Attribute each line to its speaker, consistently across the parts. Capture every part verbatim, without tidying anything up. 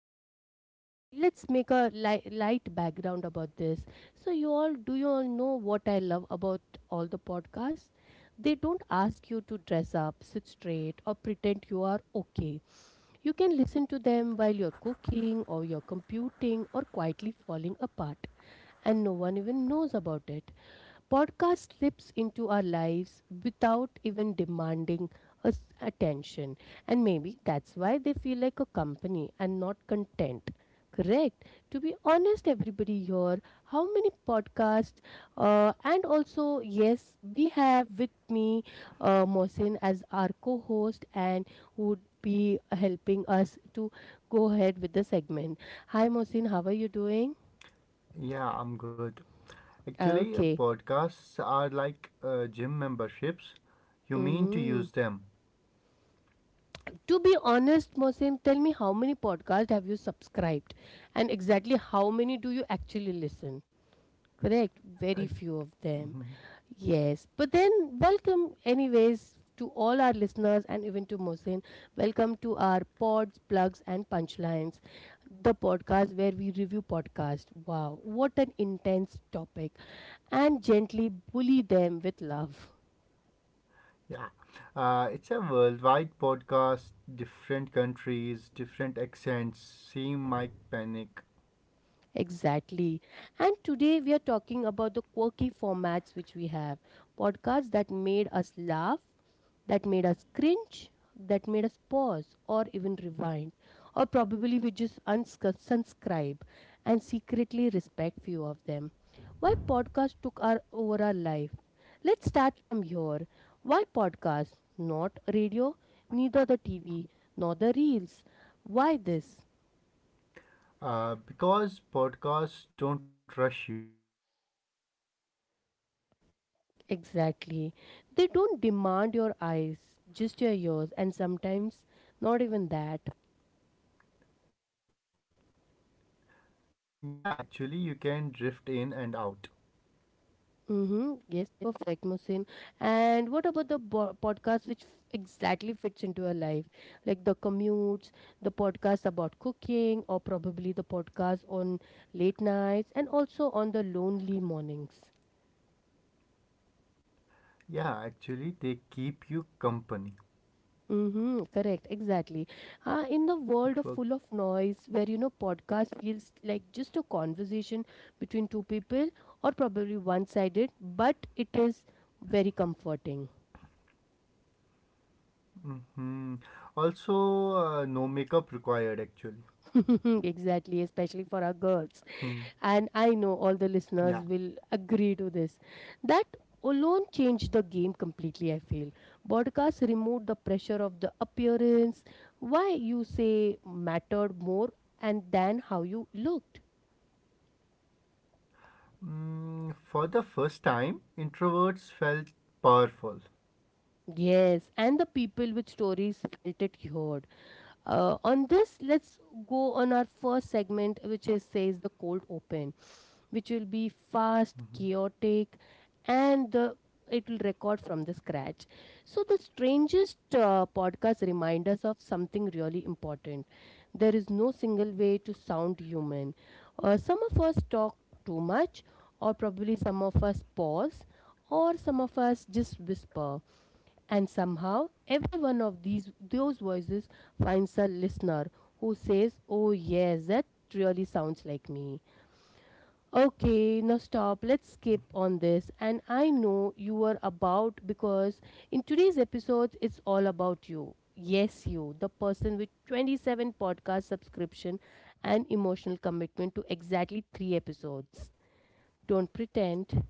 Speaker 1: uh, let's make a li- light background about this. So you all do you all know what I love about all the podcasts? They don't ask you to dress up, sit straight or pretend you are okay. You can listen to them while you're cooking or you're computing or quietly falling apart and no one even knows about it. Podcast slips into our lives without even demanding us attention, and maybe that's why they feel like a company and not content. Correct. To be honest, everybody here, how many podcasts, uh, and also, yes, we have with me uh, Mohsin as our co host and who would be helping us to go ahead with the segment. Hi, Mohsin, how are you doing?
Speaker 2: Yeah, I'm good. Actually, uh,
Speaker 1: Okay.
Speaker 2: podcasts are like uh, gym memberships. You mean to
Speaker 1: Mhm.
Speaker 2: use them.
Speaker 1: To be honest, Mohsin, tell me how many podcasts have you subscribed and exactly how many do you actually listen? Correct?
Speaker 2: I,
Speaker 1: Very few of them.
Speaker 2: Mhm.
Speaker 1: Yes. But then, welcome, anyways, to all our listeners and even to Mohsin. Welcome to our Pods, Plugs, and Punchlines, the podcast where we review podcasts. Wow, what an intense topic. And gently bully them with love.
Speaker 2: Yeah. Uh, it's a worldwide podcast, different countries, different accents. Same mic panic.
Speaker 1: Exactly. And today we are talking about the quirky formats which we have, podcasts that made us laugh, that made us cringe, that made us pause or even rewind, or probably we just unsc- unsubscribe and secretly respect few of them. Why podcasts took our over our life? Let's start from here. Why podcasts? Not radio, neither the T V, nor the reels. Why this?
Speaker 2: Uh, because podcasts don't rush you.
Speaker 1: Exactly. They don't demand your eyes, just your ears, and sometimes not even that.
Speaker 2: Yeah, actually, you can drift in and out.
Speaker 1: Mm-hmm. Yes, perfect, Musin. And what about the bo- podcast which f- exactly fits into your life? Like the commutes, the podcast about cooking, or probably the podcast on late nights and also on the lonely mornings.
Speaker 2: Yeah, actually, they keep you company.
Speaker 1: Mm-hmm, correct, exactly. Uh, in
Speaker 2: It
Speaker 1: the
Speaker 2: work.
Speaker 1: world of full of noise, where you know podcast feels like just a conversation between two people or probably one-sided, but it is very comforting.
Speaker 2: Hmm. Also, uh, no makeup required, actually.
Speaker 1: Exactly, especially for our girls.
Speaker 2: Hmm.
Speaker 1: And I know all the listeners
Speaker 2: Yeah.
Speaker 1: will agree to this. That alone changed the game completely, I feel. Podcasts removed the pressure of the appearance, why you say mattered more and than how you looked.
Speaker 2: Mm, for the first time, introverts felt powerful.
Speaker 1: Yes, and the people with stories felt it heard. Uh, on this, let's go on our first segment, which is says the cold open, which will be fast,
Speaker 2: Mhm.
Speaker 1: chaotic, and the it will record from the scratch. So the strangest uh, podcast reminds us of something really important. There is no single way to sound human. Uh, some of us talk too much, or probably some of us pause, or some of us just whisper and somehow, every one of these those voices finds a listener who says, "Oh yes, that really sounds like me." Okay, now stop. Let's skip on this. And I know you were about, because in today's episode, it's all about you. Yes, you, the person with twenty-seven podcast subscription and emotional commitment to exactly three episodes. Don't pretend.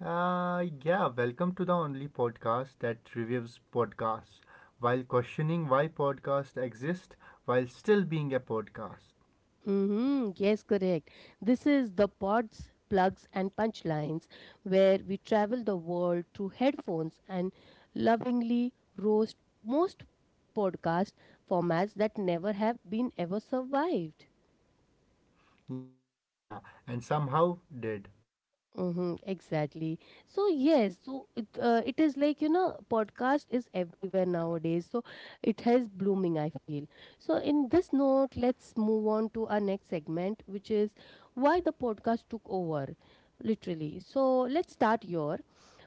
Speaker 2: Uh, yeah, Welcome to the only podcast that reviews podcasts while questioning why podcasts exist while still being a podcast.
Speaker 1: Mm-hmm. Yes, correct. This is the pods, plugs, and punchlines where we travel the world through headphones and lovingly roast most podcast formats that never have been ever survived.
Speaker 2: Yeah, and somehow did.
Speaker 1: Mm-hmm, exactly. So yes, so it uh, it is like you know, podcast is everywhere nowadays. So it has blooming, I feel. So in this note, let's move on to our next segment, which is why the podcast took over, literally. So let's start your,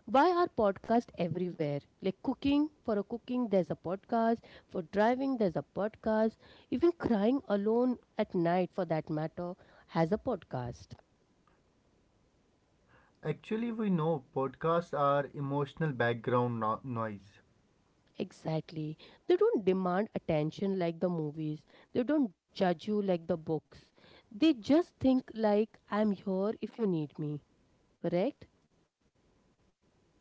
Speaker 1: why are podcasts everywhere? Like cooking, for a cooking, there's a podcast. For driving, there's a podcast. Even crying alone at night, for that matter, has a podcast.
Speaker 2: Actually, we know podcasts are emotional background no- noise.
Speaker 1: Exactly. They don't demand attention like the movies. They don't judge you like the books. They just think like, I'm here if you need me. Correct?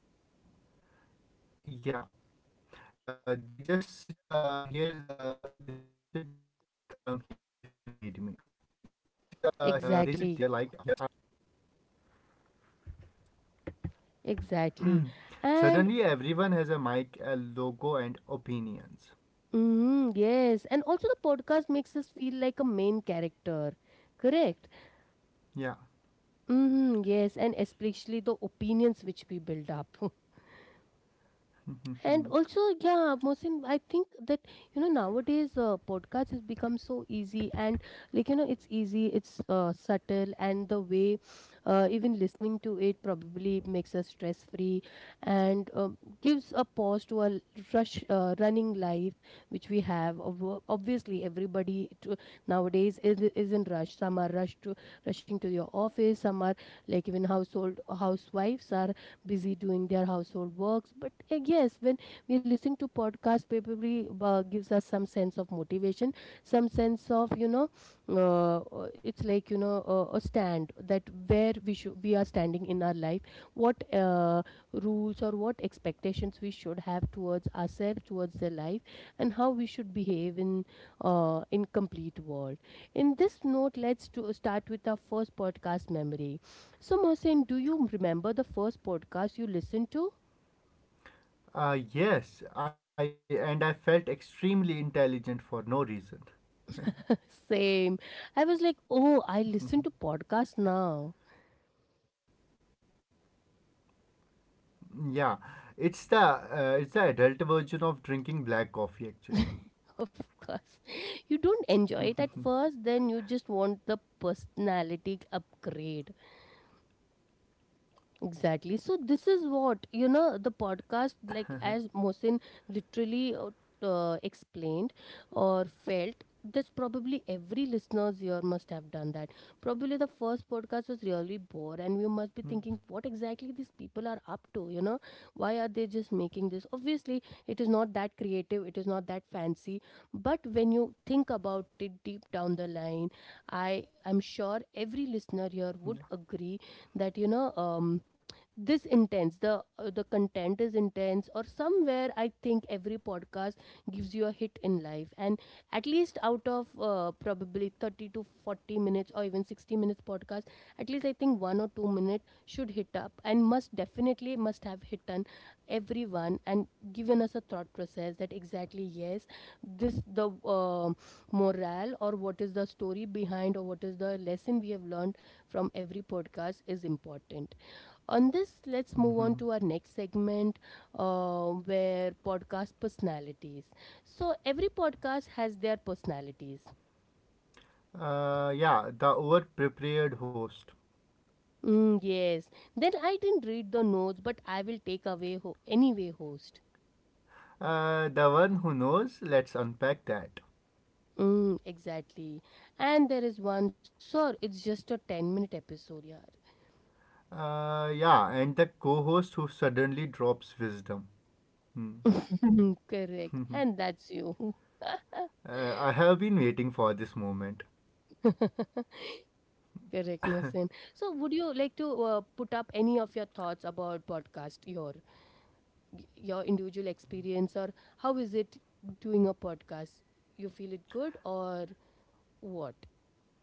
Speaker 2: Yeah. Uh, they just sit uh, here. Uh, they just sit there like I'm here if you need me.
Speaker 1: Exactly. Exactly.
Speaker 2: Suddenly,
Speaker 1: And
Speaker 2: everyone has a mic, a logo, and opinions.
Speaker 1: mm, yes, and also the podcast makes us feel like a main character. Correct.
Speaker 2: Yeah.
Speaker 1: Mm, yes, and especially the opinions which we build up. And also, yeah, Mohsin, I think that you know nowadays, uh, podcast has become so easy and like you know it's easy, it's uh, subtle, and the way, uh, even listening to it probably makes us stress free and um, gives a pause to our rush, uh, running life which we have. Ob- obviously everybody to, nowadays is, is in rush, some are rushed to rushing to your office, some are like even household, housewives are busy doing their household works, but uh, yes, when we are listening to podcasts, probably uh, gives us some sense of motivation, some sense of you know, uh, uh, it's like you know, uh, a stand that where we should we are standing in our life, what uh, rules or what expectations we should have towards ourselves, towards the life, and how we should behave in, uh, in complete world. In this note, let's to start with our first podcast memory. So Mohsen, do you remember the first podcast you listened to?
Speaker 2: uh, yes, I and I felt extremely intelligent for no reason.
Speaker 1: Same. I was like, oh, I listen to podcasts now.
Speaker 2: Yeah, it's the uh, it's the adult version of drinking black coffee actually.
Speaker 1: Of course.
Speaker 2: Yeah.
Speaker 1: You don't enjoy it at first, then you just want the personality upgrade. Exactly. So this is what you know, the podcast, like as Mohsin literally, uh, uh, explained or felt, that's probably every listener's here must have done that. Probably the first podcast was really bored and we must be thinking what exactly these people are up to, you know? Why are they just making this? Obviously it is not that creative, it is not that fancy, but when you think about it deep down the line, I am sure every listener here would agree that you know, um, this intense, the uh, the content is intense, or somewhere I think every podcast gives you a hit in life, and at least out of uh, probably thirty to forty minutes or even sixty minutes podcast, at least I think one or two minutes should hit up and must definitely must have hit on everyone, and given us a thought process that, exactly, yes, this the uh, morale, or what is the story behind, or what is the lesson we have learned from every podcast is important. On this, let's move
Speaker 2: Mhm.
Speaker 1: on to our next segment, uh, where podcast personalities. So, every podcast has their personalities.
Speaker 2: Uh, yeah, the over prepared host.
Speaker 1: Mm, yes. Then I didn't read the notes, but I will take away ho- anyway, host.
Speaker 2: Uh, the one who knows, let's unpack that.
Speaker 1: Mm, exactly. And there is one, sir, it's just a ten minute episode, yeah.
Speaker 2: Uh, yeah, and the co host who suddenly drops wisdom. Hmm.
Speaker 1: Correct. And that's you.
Speaker 2: Uh, I have been waiting for this moment.
Speaker 1: Correct, Mohsen. So, would you like to uh, put up any of your thoughts about podcast? Your y- your individual experience, or how is it doing a podcast, you feel it good, or what?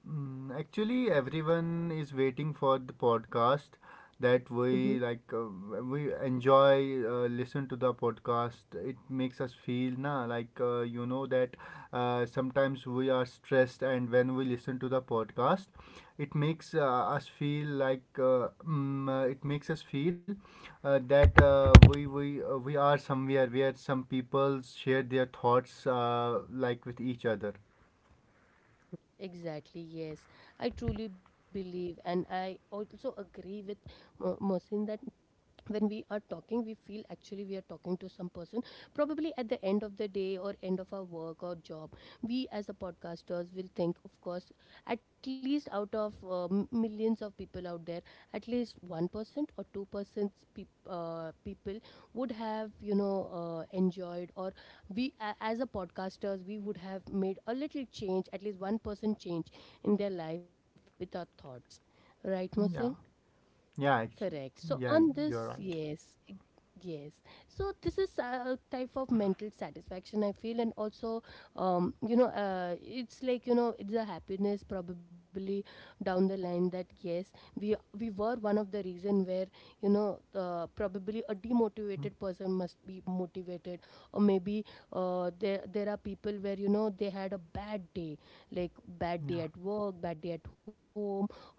Speaker 2: Mm, actually, everyone is waiting for the podcast that
Speaker 1: Mm-hmm.
Speaker 2: we like. Uh, we enjoy uh, listen to the podcast. It makes us feel na like uh, you know that uh, sometimes we are stressed, and when we listen to the podcast, it makes uh, us feel like uh, mm, uh, it makes us feel uh, that uh, we we uh, we are somewhere where some people share their thoughts uh, like with each other.
Speaker 1: Exactly, yes, I truly believe and I also agree with Mo- Mohsin that when we are talking we feel actually we are talking to some person, probably at the end of the day or end of our work or job. We as a podcasters will think, of course, at least out of um, millions of people out there, at least one percent or two percent peop uh, people would have you know, uh, enjoyed, or we a as a podcasters we would have made a little change, at least one percent change in their life with our thoughts, right Mose?
Speaker 2: Yeah. Yeah,
Speaker 1: Correct.
Speaker 2: ex-
Speaker 1: So on
Speaker 2: yeah,
Speaker 1: this,
Speaker 2: you're right.
Speaker 1: yes, e- yes. So this is a type of mental satisfaction I feel, and also, um, you know, uh, it's like you know, it's a happiness probably down the line that yes, we we were one of the reason where you know, uh, probably a
Speaker 2: Mm.
Speaker 1: demotivated person must be motivated, or maybe, uh, there, there are people where you know they had a bad day, like bad
Speaker 2: Yeah.
Speaker 1: day at work, bad day at home, or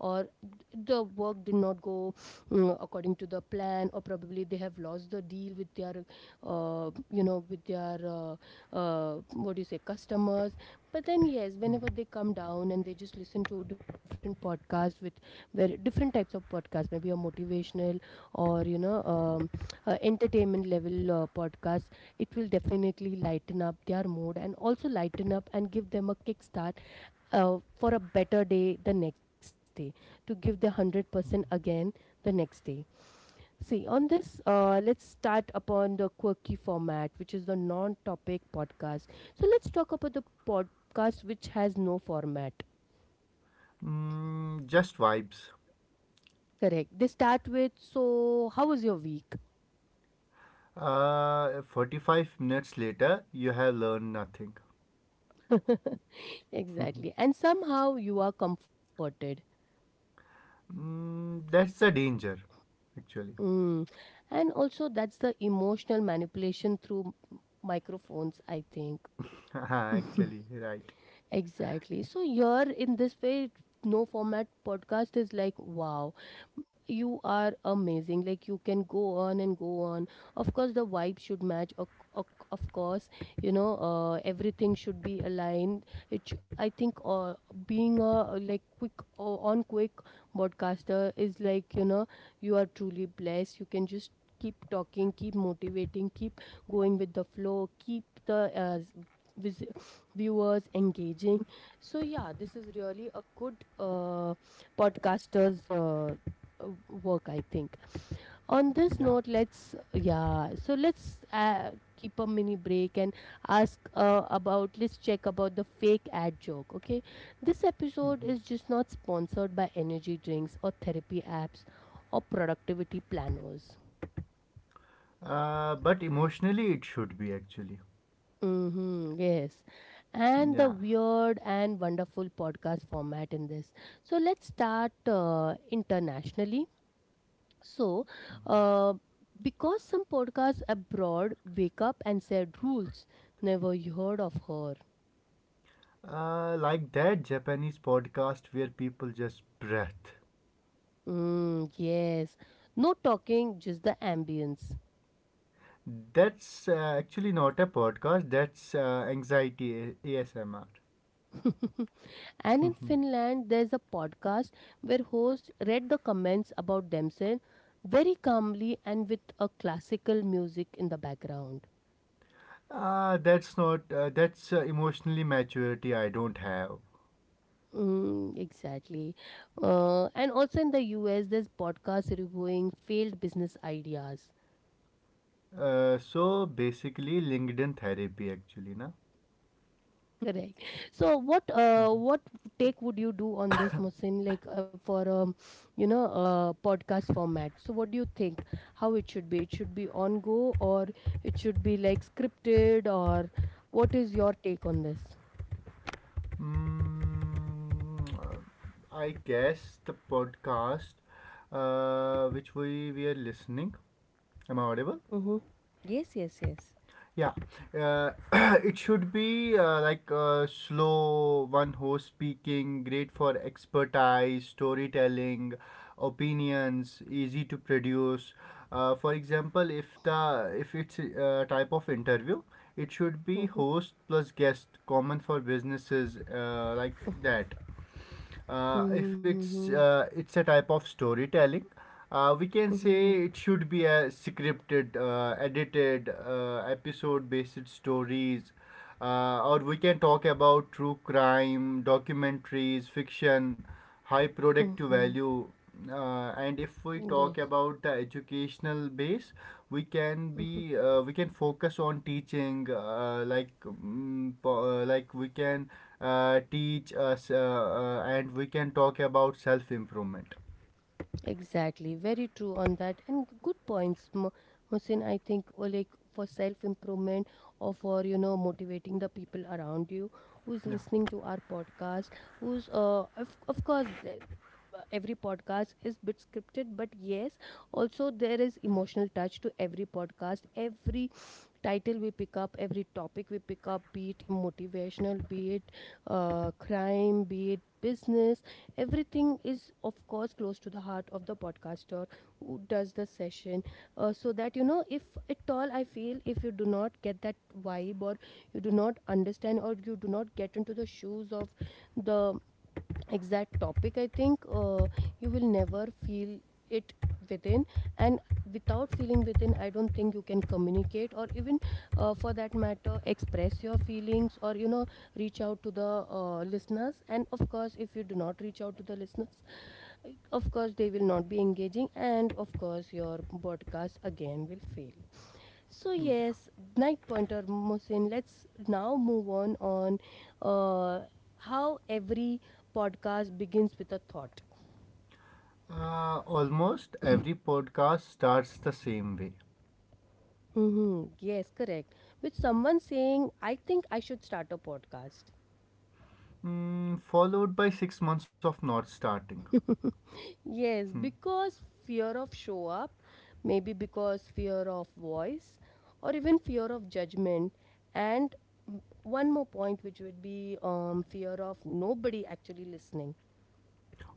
Speaker 1: the work did not go mm, according to the plan, or probably they have lost the deal with their, uh, you know, with their, uh, uh, what do you say, customers. But then yes, whenever they come down and they just listen to different podcasts with very different types of podcasts, maybe a motivational or you know, um, uh, entertainment level uh, podcast, it will definitely lighten up their mood and also lighten up and give them a kickstart uh, for a better day the next day, to give the one hundred percent again the next day. See, on this, uh, let's start upon the quirky format, which is the non topic podcast. So, let's talk about the podcast which has no format.
Speaker 2: Mm, just vibes.
Speaker 1: Correct. They start with, so how was your week?
Speaker 2: Uh, forty-five minutes later, you have learned nothing. Mm,
Speaker 1: Exactly. And somehow you are comforted.
Speaker 2: that's the danger, actually.
Speaker 1: Mm. And also, that's the emotional manipulation through m- microphones, I think.
Speaker 2: Actually, right.
Speaker 1: Exactly. So you're in this way, no format podcast is like, wow, you are amazing. Like you can go on and go on. Of course, the vibe should match. Of, of, of course, you know, uh, everything should be aligned. It, sh- I think, uh, being a like quick uh, on quick broadcaster is like, you know, you are truly blessed. You can just keep talking, keep motivating, keep going with the flow, keep the uh, vis- viewers engaging. So yeah, this is really a good uh, podcaster's uh, uh, work, I think. On this
Speaker 2: Yeah.
Speaker 1: note, let's yeah, so let's uh, keep a mini break and ask uh, about let's check about the fake ad joke. Okay, this episode
Speaker 2: Mhm.
Speaker 1: is just not sponsored by energy drinks or therapy apps or productivity planners.
Speaker 2: Uh, but emotionally, it should be, actually.
Speaker 1: Mm-hmm, yes. And the
Speaker 2: Yeah.
Speaker 1: weird and wonderful podcast format in this. So let's start uh, internationally. So, uh, because some podcasts abroad wake up and said rules, never you heard of her.
Speaker 2: Uh, like that Japanese podcast where people just breath.
Speaker 1: Mm, yes. No talking, just the ambience.
Speaker 2: That's uh, actually not a podcast, that's uh, anxiety A- ASMR.
Speaker 1: And in Finland, there's a podcast where hosts read the comments about themselves very calmly and with a classical music in the background.
Speaker 2: Uh, that's not, uh, that's uh, Emotionally maturity I don't have.
Speaker 1: Mm, exactly. Uh, and also in the U S, there's podcasts reviewing failed business ideas.
Speaker 2: Uh, so basically, LinkedIn therapy actually, na?
Speaker 1: Correct. So, what uh, what take would you do on this, Musin? Like, uh, for, um, you know, uh, podcast format. So, what do you think? How it should be? It should be on go, or it should be like scripted, or what is your take on this?
Speaker 2: Mm, uh, I guess the podcast uh, which we, we are listening. Am I audible?
Speaker 1: Mm-hmm. Yes, yes, yes.
Speaker 2: Yeah. uh, it should be uh, like uh, slow one host speaking great for expertise storytelling opinions easy to produce, uh, for example if the if it's a uh, type of interview it should be
Speaker 1: Mm-hmm.
Speaker 2: host plus guest common for businesses, uh, like that uh, if
Speaker 1: Mm-hmm.
Speaker 2: it's uh, it's a type of storytelling, uh, we can say
Speaker 1: Mm-hmm.
Speaker 2: it should be a scripted uh, edited uh, episode based stories, uh, or we can talk about true crime documentaries fiction high product
Speaker 1: Mm-hmm.
Speaker 2: value, uh, and if we
Speaker 1: Yes.
Speaker 2: talk about the educational base we can
Speaker 1: Mm-hmm.
Speaker 2: be uh, we can focus on teaching uh, like mm, po- uh, like we can uh, teach us uh, uh, and we can talk about self improvement.
Speaker 1: Exactly, very true on that, and g- good points, Mo- Mohsin. I think, or like for self improvement, or for, you know motivating the people around you who is listening
Speaker 2: Yeah.
Speaker 1: to our podcast. Who's uh, of of course, the, uh, every podcast is bit scripted, but yes, also there is emotional touch to every podcast. Every title we pick up, every topic we pick up, be it motivational, be it uh, crime, be it business, everything is, of course, close to the heart of the podcaster who does the session. Uh, so that, you know, if at all I feel, if you do not get that vibe, or you do not understand, or you do not get into the shoes of the exact topic, I think, uh, you will never feel it within. And without feeling within, I don't think you can communicate, or even, uh, for that matter, express your feelings, or, you know reach out to the uh, listeners. And of course, if you do not reach out to the listeners, of course they will not be engaging, and of course your podcast again will fail. So
Speaker 2: Okay.
Speaker 1: yes, night pointer Mohsin, let's now move on on, uh, how every podcast begins with a thought.
Speaker 2: Uh, almost every podcast starts the same way,
Speaker 1: Mm-hmm. Yes, correct. With someone saying, I think I should start a podcast.
Speaker 2: mm, followed by six months of not starting. Hmm.
Speaker 1: Yes, because fear of show up, maybe because fear of voice, or even fear of judgment. And m- one more point, which would be, um, fear of nobody actually listening.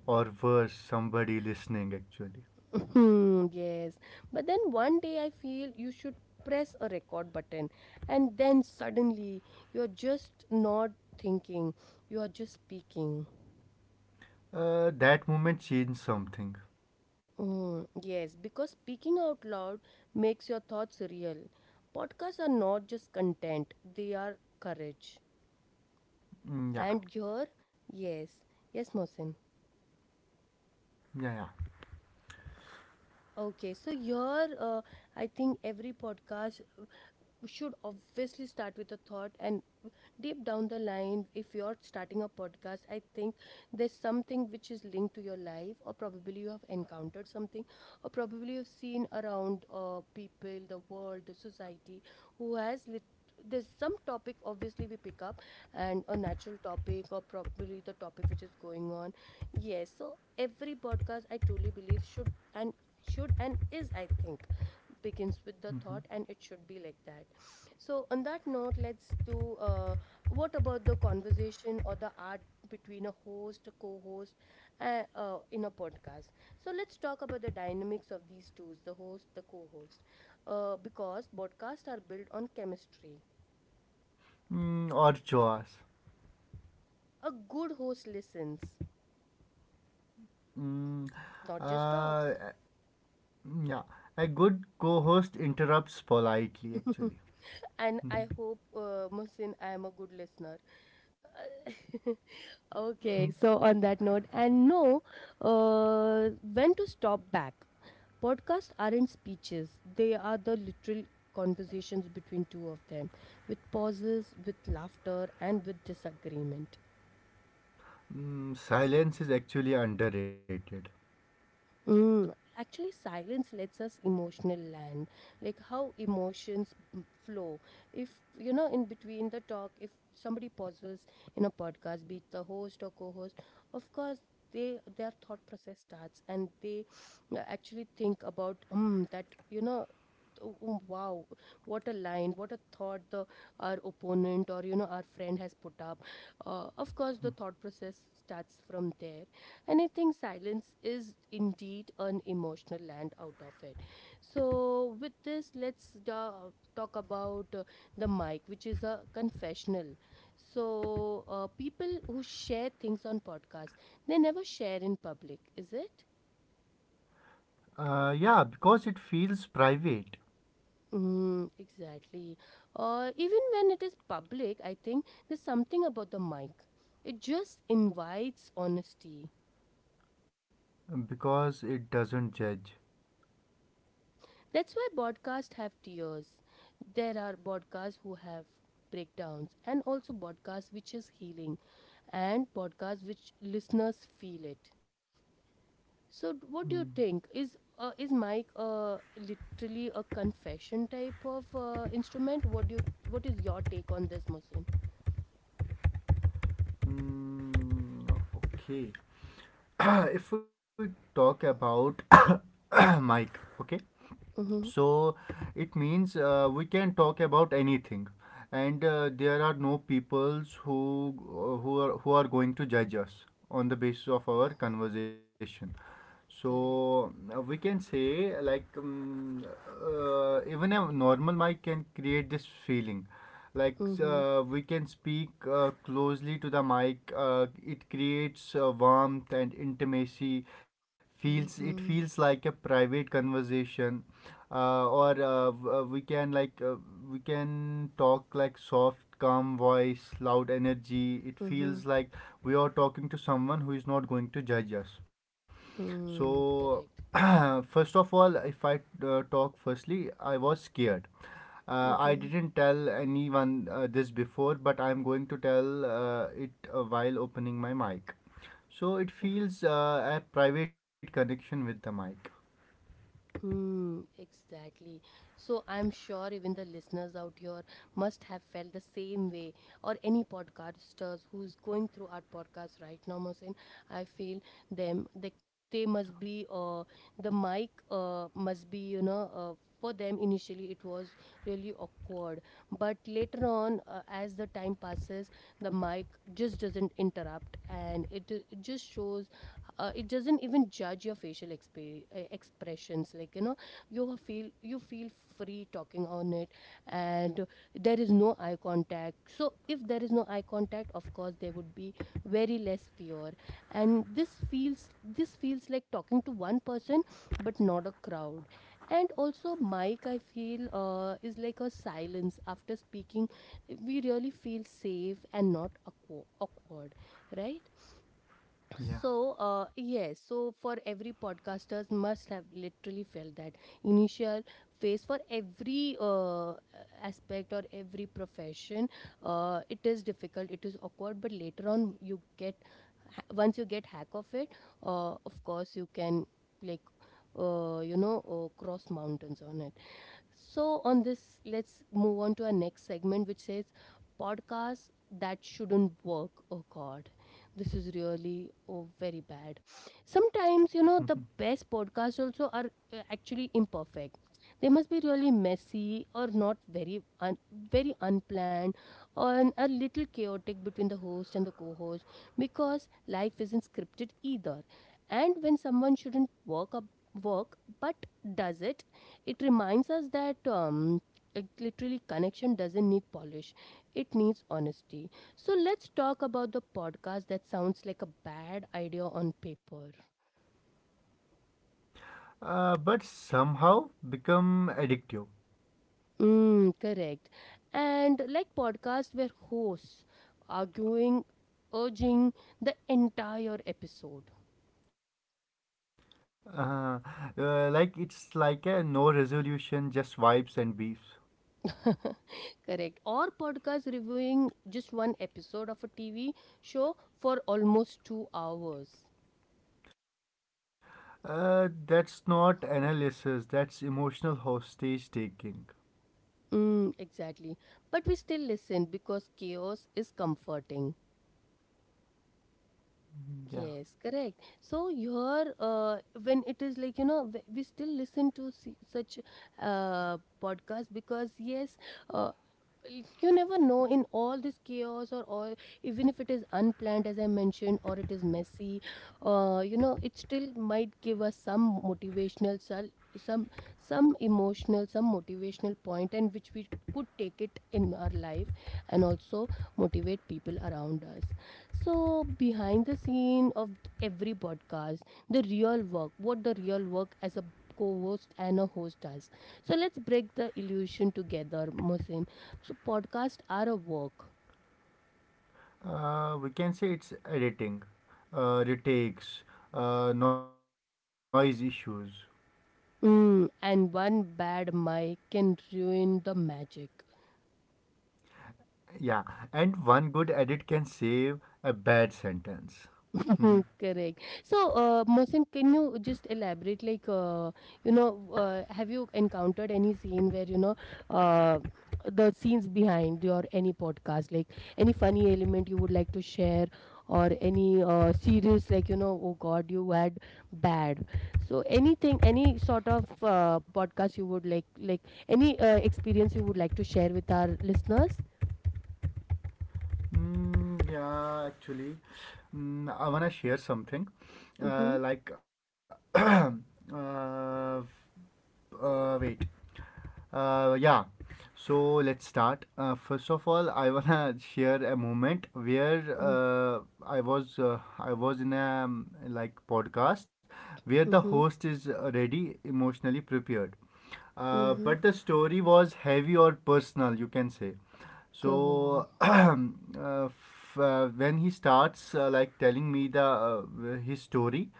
Speaker 2: Or worse, somebody listening actually.
Speaker 1: Hmm, yes, but then one day I feel you should press a record button, and then suddenly you're just not thinking, you are just speaking.
Speaker 2: Uh, that moment changed something.
Speaker 1: Mm, yes, because speaking out loud makes your thoughts real. Podcasts are not just content, they are courage.
Speaker 2: Mm, yeah,
Speaker 1: And here, yes, yes, Mohsen.
Speaker 2: yeah, yeah.
Speaker 1: Okay, so here, uh, I think every podcast we should obviously start with a thought. And deep down the line, if you're starting a podcast, I think there's something which is linked to your life, or probably you have encountered something, or probably you've seen around, uh, people, the world, the society, who has lit- there's some topic obviously we pick up, and a natural topic or probably the topic which is going on. Yes, so every podcast, I truly believe, should, and should, and is, I think, begins with the thought, and it should be like that. So on that note, let's do, uh, what about the conversation or the art between a host, a co-host, uh, uh, in a podcast. So let's talk about the dynamics of these two, the host, the co-host, uh, because podcasts are built on chemistry.
Speaker 2: Mm, or chores.
Speaker 1: A good host listens,
Speaker 2: Mm,
Speaker 1: not just
Speaker 2: uh,
Speaker 1: talks.
Speaker 2: yeah. A good co host interrupts politely, actually.
Speaker 1: and I hope, uh, Mohsin, I am a good listener. Okay, so on that note, and no, uh, when to stop back. Podcasts aren't speeches, they are the literal conversations between two of them, with pauses, with laughter, and with disagreement.
Speaker 2: Mm, silence is actually underrated.
Speaker 1: Mm, actually, silence lets us emotional land, like how emotions m- flow. If you know, in between the talk, if somebody pauses in a podcast, be it the host or co-host, of course they their thought process starts, and they, uh, actually think about um that you know. "Oh, oh, wow, what a line, what a thought the our opponent or, you know our friend has put up. Uh, of course, the thought process starts from there, and I think silence is indeed an emotional land out of it. So, with this, let's uh, talk about, uh, the mic, which is a confessional. So, uh, people who share things on podcasts, they never share in public, is it?
Speaker 2: Uh, yeah, because it feels private,
Speaker 1: Mm, exactly. Or even when it is public, I think there's something about the mic. It just invites honesty.
Speaker 2: because it doesn't judge.
Speaker 1: That's why podcasts have tears. There are podcasts who have breakdowns, and also podcasts which is healing, and podcasts which listeners feel it. So, d- what do you
Speaker 2: Mm,
Speaker 1: think? Is uh, is mic, uh, literally a confession type of, uh, instrument? What do you what is your take on this, Mohsin?
Speaker 2: mm, okay. If we talk about Mike, okay?
Speaker 1: Mm-hmm.
Speaker 2: So it means uh, we can talk about anything and uh, there are no peoples who uh, who are who are going to judge us on the basis of our conversation. So
Speaker 1: Correct.
Speaker 2: uh, we can say like um, uh, even a normal mic can create this feeling like,
Speaker 1: Mm-hmm.
Speaker 2: uh, we can speak uh, closely to the mic, uh, it creates uh, warmth and intimacy. Feels it feels
Speaker 1: Mm-hmm.
Speaker 2: like a private conversation, uh, or uh, w- uh, we can like uh, we can talk like soft calm voice loud energy. It feels
Speaker 1: Mm-hmm.
Speaker 2: like we are talking to someone who is not going to judge us. So,
Speaker 1: Mm, correct.
Speaker 2: first of all, if I uh, talk firstly, I was scared. Uh, I
Speaker 1: Mm-hmm.
Speaker 2: didn't tell anyone uh, this before, but I'm going to tell uh, it uh, while opening my mic. So, it feels uh, a private connection with the mic.
Speaker 1: Mm, exactly. So I'm sure even the listeners out here must have felt the same way, or any podcasters who's going through our podcast right now, Mohsen. I feel them, they they must be, uh the mic, uh must be, you know uh, for them initially it was really awkward. But later on, uh, as the time passes, the mic just doesn't interrupt, and it, it just shows, uh, it doesn't even judge your facial exp- expressions. Like, you know you feel you feel free talking on it. And there is no eye contact, so if there is no eye contact, of course there would be very less fear. And this feels this feels like talking to one person but not a crowd. And also, mic, I feel, uh, is like a silence after speaking. We really feel safe and not awkwa- awkward, right? So, uh,
Speaker 2: Yeah.
Speaker 1: yes. So for every podcasters, must have literally felt that initial phase. For every uh, aspect or every profession, uh, it is difficult, it is awkward. But later on, you get ha- once you get hack of it, uh, of course you can, like, uh, you know uh, cross mountains on it. So, on this, let's move on to our next segment, which says podcasts that shouldn't work. Oh, God, this is really, oh, very bad. Sometimes, you know, the best podcasts also are, uh, actually imperfect. They must be really messy, or not very un- very unplanned, or a little chaotic between the host and the co-host, because life isn't scripted either. And when someone shouldn't work up work but does it it reminds us that, um, it literally connection doesn't need polish, it needs honesty. So let's talk about the podcast that sounds like a bad idea on paper.
Speaker 2: Uh, but somehow become addictive.
Speaker 1: Mm, correct. And like podcasts where hosts arguing, urging the entire episode.
Speaker 2: Uh, uh, like it's like a no resolution, just vibes and beefs.
Speaker 1: correct. Or podcasts reviewing just one episode of a T V show for almost two hours.
Speaker 2: Uh, that's not analysis, that's emotional hostage taking.
Speaker 1: Mm, exactly. But we still listen because chaos is comforting.
Speaker 2: Yeah.
Speaker 1: Yes, correct. So, your uh, when it is, like, you know, w- we still listen to see such uh podcast, because yes, uh, you never know in all this chaos or all, even if it is unplanned, as I mentioned, or it is messy. Uh, you know it still might give us some motivational, sel- some some emotional, some motivational point, and which we could take it in our life, and also motivate people around us. So behind the scene of every podcast, the real work what the real work as a co-host and a host does. So let's break the illusion together, Mohsin. So podcasts are a work.
Speaker 2: Uh, we can say it's editing, uh, retakes, uh, noise issues.
Speaker 1: Mm, and one bad mic can ruin the magic.
Speaker 2: Yeah. And one good edit can save a bad sentence.
Speaker 1: Mhm, correct. So, uh, Mohsin, can you just elaborate? Like, uh, you know, uh, have you encountered any scene where, you know uh, the scenes behind your any podcast, like any funny element you would like to share, or any uh, serious, like, you know, oh God, you had bad. So, anything, any sort of uh, podcast you would like, like any uh, experience you would like to share with our listeners?
Speaker 2: Mm, yeah, actually, mm, I wanna share something.
Speaker 1: Mm-hmm.
Speaker 2: Uh, like, uh, uh, wait. Uh, yeah. So let's start. Uh, first of all, I wanna share a moment where
Speaker 1: Mm-hmm.
Speaker 2: uh, I was uh, I was in a um, like podcast where the
Speaker 1: Mm-hmm.
Speaker 2: host is already emotionally prepared. Uh,
Speaker 1: Mm-hmm.
Speaker 2: but the story was heavy or personal, you can say. So
Speaker 1: Go.
Speaker 2: uh, f- uh, when he starts uh, like telling me the uh, his story,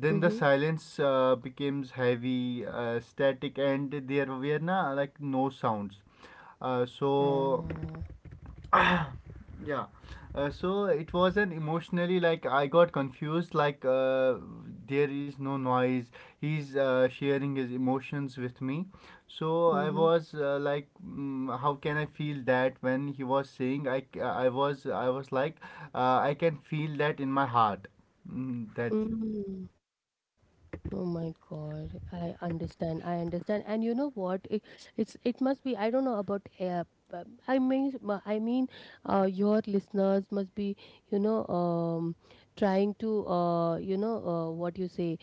Speaker 2: then the
Speaker 1: Mm-hmm.
Speaker 2: silence uh, becomes heavy uh, static and there were na, like no sounds, uh, so
Speaker 1: 哦，
Speaker 2: yeah, uh, so it wasn't emotionally. Like I got confused, like uh, there is no noise, he's uh, sharing his emotions with me. So
Speaker 1: 嗯
Speaker 2: I
Speaker 1: 哼，
Speaker 2: was uh, like, mm, how can I feel that? When he was saying I c- i was I was like uh, I can feel that in my heart. Mm, that's it.
Speaker 1: 嗯。Oh my God, I understand. I understand. And you know what? It, it's it must be. I don't know about. Uh, but I mean, uh, I mean, uh, your listeners must be, you know, um, trying to, uh, you know, uh, what you say,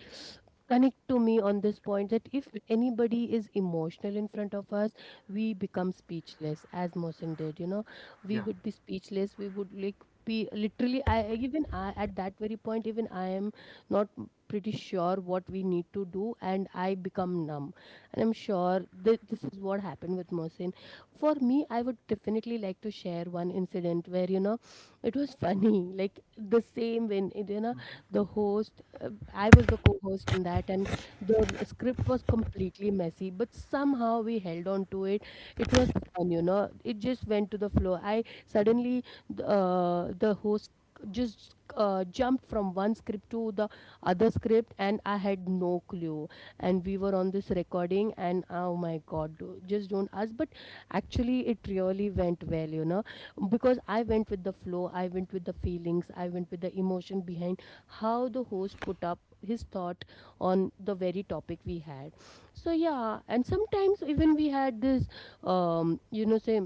Speaker 1: connect to me on this point that if anybody is emotional in front of us, we become speechless, as Mohsen did. You know,
Speaker 2: Yeah.
Speaker 1: we would be speechless. We would like be literally. I I- even I at that very point. Even I am not pretty sure what we need to do, and I become numb, and I'm sure th- this is what happened with Mohsin. For me, I would definitely like to share one incident where, you know, it was funny, like the same when it- you know, the host, uh, I was the co-host in that, and the r- script was completely messy, but somehow we held on to it. It was fun, you know, it just went to the flow. I suddenly th- uh, the host just uh, jumped from one script to the other script, and I had no clue. And we were on this recording and, oh my God, do- just don't ask, but actually it really went well, you know, because I went with the flow, I went with the feelings, I went with the emotion behind how the host put up his thought on the very topic we had. So yeah, and sometimes even we had this um you know, say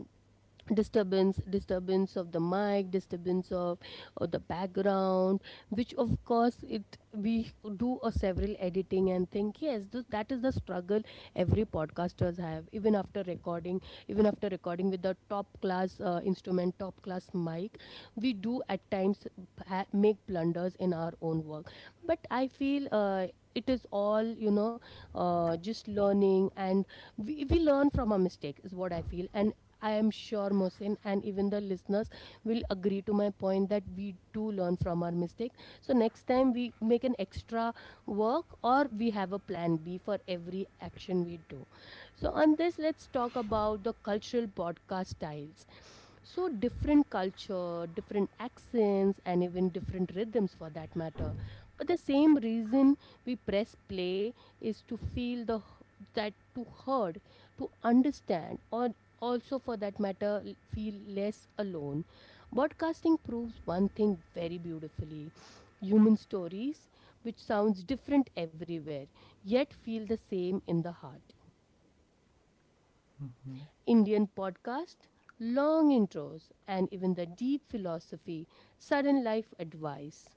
Speaker 1: disturbance, disturbance of the mic, disturbance of, of the background, which of course it we do a several editing and think, yes, th- that is the struggle every podcasters have even after recording, even after recording with the top class uh, instrument, top class mic. We do at times ha- make blunders in our own work. But I feel, uh, it is all, you know, uh, just learning, and we, we learn from our mistake is what I feel. And I am sure Mosin and even the listeners will agree to my point that we do learn from our mistake. So next time we make an extra work, or we have a plan B for every action we do. So on this, let's talk about the cultural podcast styles. So, different culture, different accents, and even different rhythms for that matter. But the same reason we press play is to feel the, that to heard, to understand, or also for that matter, l- feel less alone. Broadcasting proves one thing very beautifully: human stories, which sounds different everywhere, yet feel the same in the heart.
Speaker 2: Mm-hmm.
Speaker 1: Indian podcast, long intros, and even the deep philosophy, sudden life advice.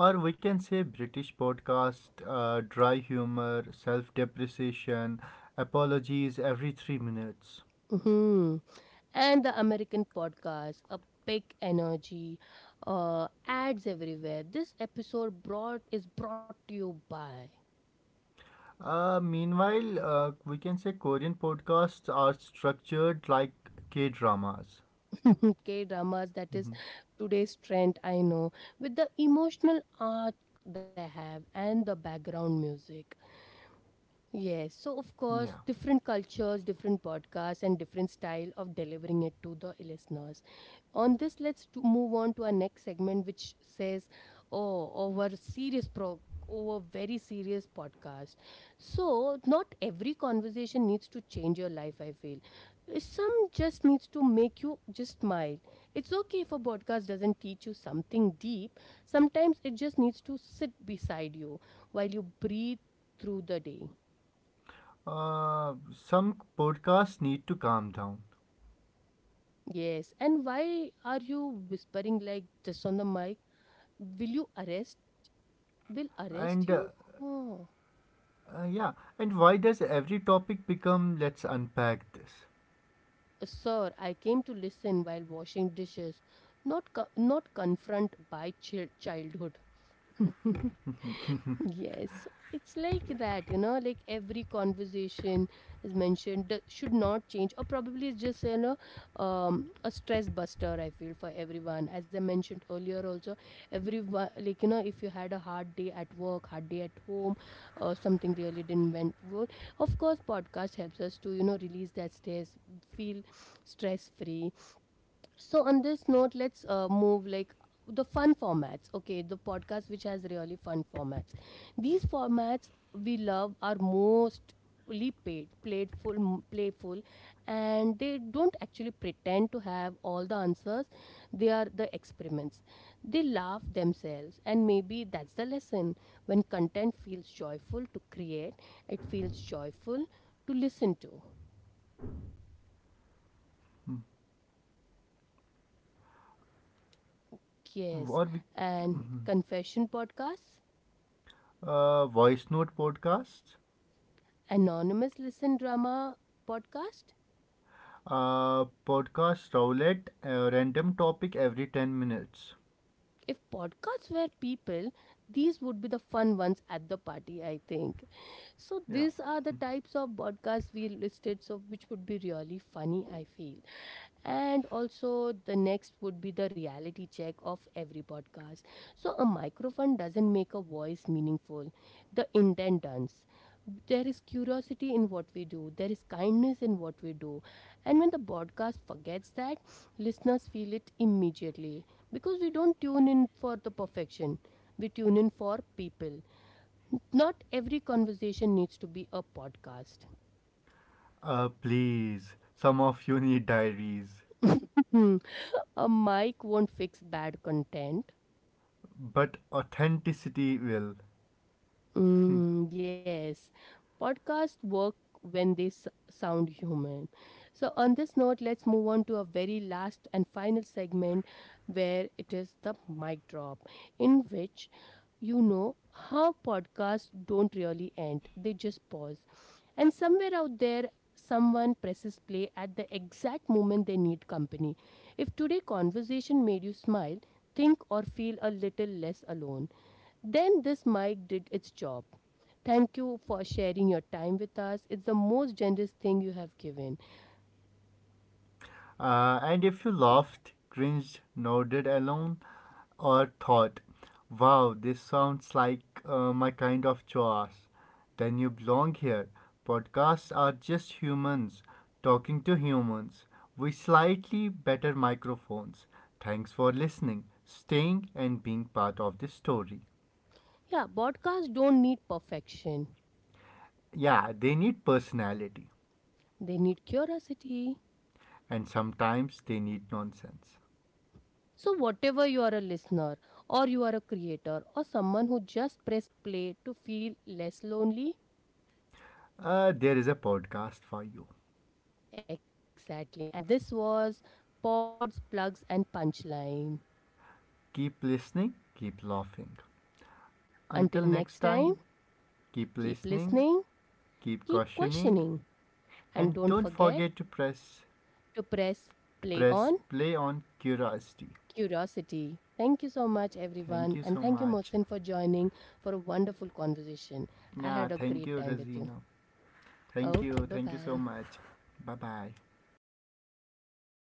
Speaker 2: Or we can say British podcast, uh, dry humor, self depreciation, apologies every three minutes.
Speaker 1: Mhm. And the American podcast, a big energy, uh, ads everywhere. This episode brought is brought to you by
Speaker 2: Uh, meanwhile, uh, we can say Korean podcasts are structured like K dramas.
Speaker 1: K dramas. That is
Speaker 2: Mhm.
Speaker 1: today's trend. I know, with the emotional arc they have and the background music. Yes, so of course,
Speaker 2: Yeah.
Speaker 1: different cultures, different podcasts, and different style of delivering it to the listeners. On this, let's to move on to our next segment, which says, "Oh, over serious pro, over very serious podcast." So, not every conversation needs to change your life. I feel some just needs to make you just smile. It's okay if a podcast doesn't teach you something deep. Sometimes it just needs to sit beside you while you breathe through the day.
Speaker 2: Uh, some podcasts need to calm down.
Speaker 1: Yes, and why are you whispering like just on the mic? Will you arrest? Will arrest
Speaker 2: And uh,
Speaker 1: you? Oh,
Speaker 2: uh, Yeah, and why does every topic become let's unpack this?
Speaker 1: sir, I came to listen while washing dishes, not co- not confront by chil- childhood. Yes, so it's like that, you know, like every conversation is mentioned th- should not change, or probably it's just, you know, um, a stress buster, I feel, for everyone. As I mentioned earlier, also, everyone, like, you know, if you had a hard day at work, hard day at home, or something really didn't went well, of course, podcast helps us to, you know, release that stress, feel stress free. So on this note, let's uh, move like the fun formats. Okay, the podcast which has really fun formats, these formats we love are mostly paid playful, m- playful, and they don't actually pretend to have all the answers. They are the experiments. They laugh themselves, and maybe that's the lesson. When content feels joyful to create, it feels joyful to listen to. Yes,
Speaker 2: Or we,
Speaker 1: and confession podcasts,
Speaker 2: uh, voice note podcasts,
Speaker 1: Anonymous Listen Drama podcast.
Speaker 2: uh, podcast roulette, uh, random topic every ten minutes.
Speaker 1: If podcasts were people, these would be the fun ones at the party, I think. So
Speaker 2: Yeah.
Speaker 1: these are the types of podcasts we listed, so which would be really funny, I feel. And also the next would be the reality check of every podcast. So a microphone doesn't make a voice meaningful. The intent does. There is curiosity in what we do. There is kindness in what we do. And when the podcast forgets that, listeners feel it immediately, because we don't tune in for the perfection, we tune in for people. Not every conversation needs to be a podcast.
Speaker 2: Uh, please, some of you need diaries.
Speaker 1: A mic won't fix bad content.
Speaker 2: But authenticity will.
Speaker 1: Mm, yes, podcasts work when they s- sound human. So, on this note, let's move on to our very last and final segment, where it is the mic drop, in which, you know, how podcasts don't really end, they just pause. And somewhere out there, someone presses play at the exact moment they need company. If today's conversation made you smile, think, or feel a little less alone, then this mic did its job. Thank you for sharing your time with us. It's the most generous thing you have given.
Speaker 2: Uh, and if you laughed, cringed, nodded along, or thought, wow, this sounds like uh, my kind of chores, then you belong here. Podcasts are just humans talking to humans with slightly better microphones. Thanks for listening, staying, and being part of this story.
Speaker 1: Yeah, podcasts don't need perfection,
Speaker 2: Yeah, they need personality,
Speaker 1: they need curiosity.
Speaker 2: and sometimes they need nonsense.
Speaker 1: So, whatever you are a listener, or you are a creator, or someone who just pressed play to feel less lonely,
Speaker 2: Uh, there is a podcast for you.
Speaker 1: exactly. And this was Pods, Plugs, and Punchline.
Speaker 2: Keep listening, keep laughing. Until
Speaker 1: Until
Speaker 2: next
Speaker 1: next time,
Speaker 2: time, keep
Speaker 1: keep
Speaker 2: listening,
Speaker 1: listening,
Speaker 2: keep
Speaker 1: keep
Speaker 2: questioning,
Speaker 1: questioning, and
Speaker 2: and
Speaker 1: don't
Speaker 2: don't
Speaker 1: forget
Speaker 2: forget to press
Speaker 1: to press
Speaker 2: to
Speaker 1: play
Speaker 2: press
Speaker 1: on
Speaker 2: play on curiosity.
Speaker 1: curiosity. Thank you so much,
Speaker 2: Thank
Speaker 1: everyone.
Speaker 2: you
Speaker 1: And
Speaker 2: so
Speaker 1: thank you,
Speaker 2: much.
Speaker 1: Mohsin, for joining for a wonderful conversation. I
Speaker 2: Yeah,
Speaker 1: had a
Speaker 2: thank
Speaker 1: great
Speaker 2: you,
Speaker 1: time with you.
Speaker 2: Rosina. Thank you,
Speaker 1: Okay, bye
Speaker 2: thank you so
Speaker 1: bye.
Speaker 2: much. Bye bye.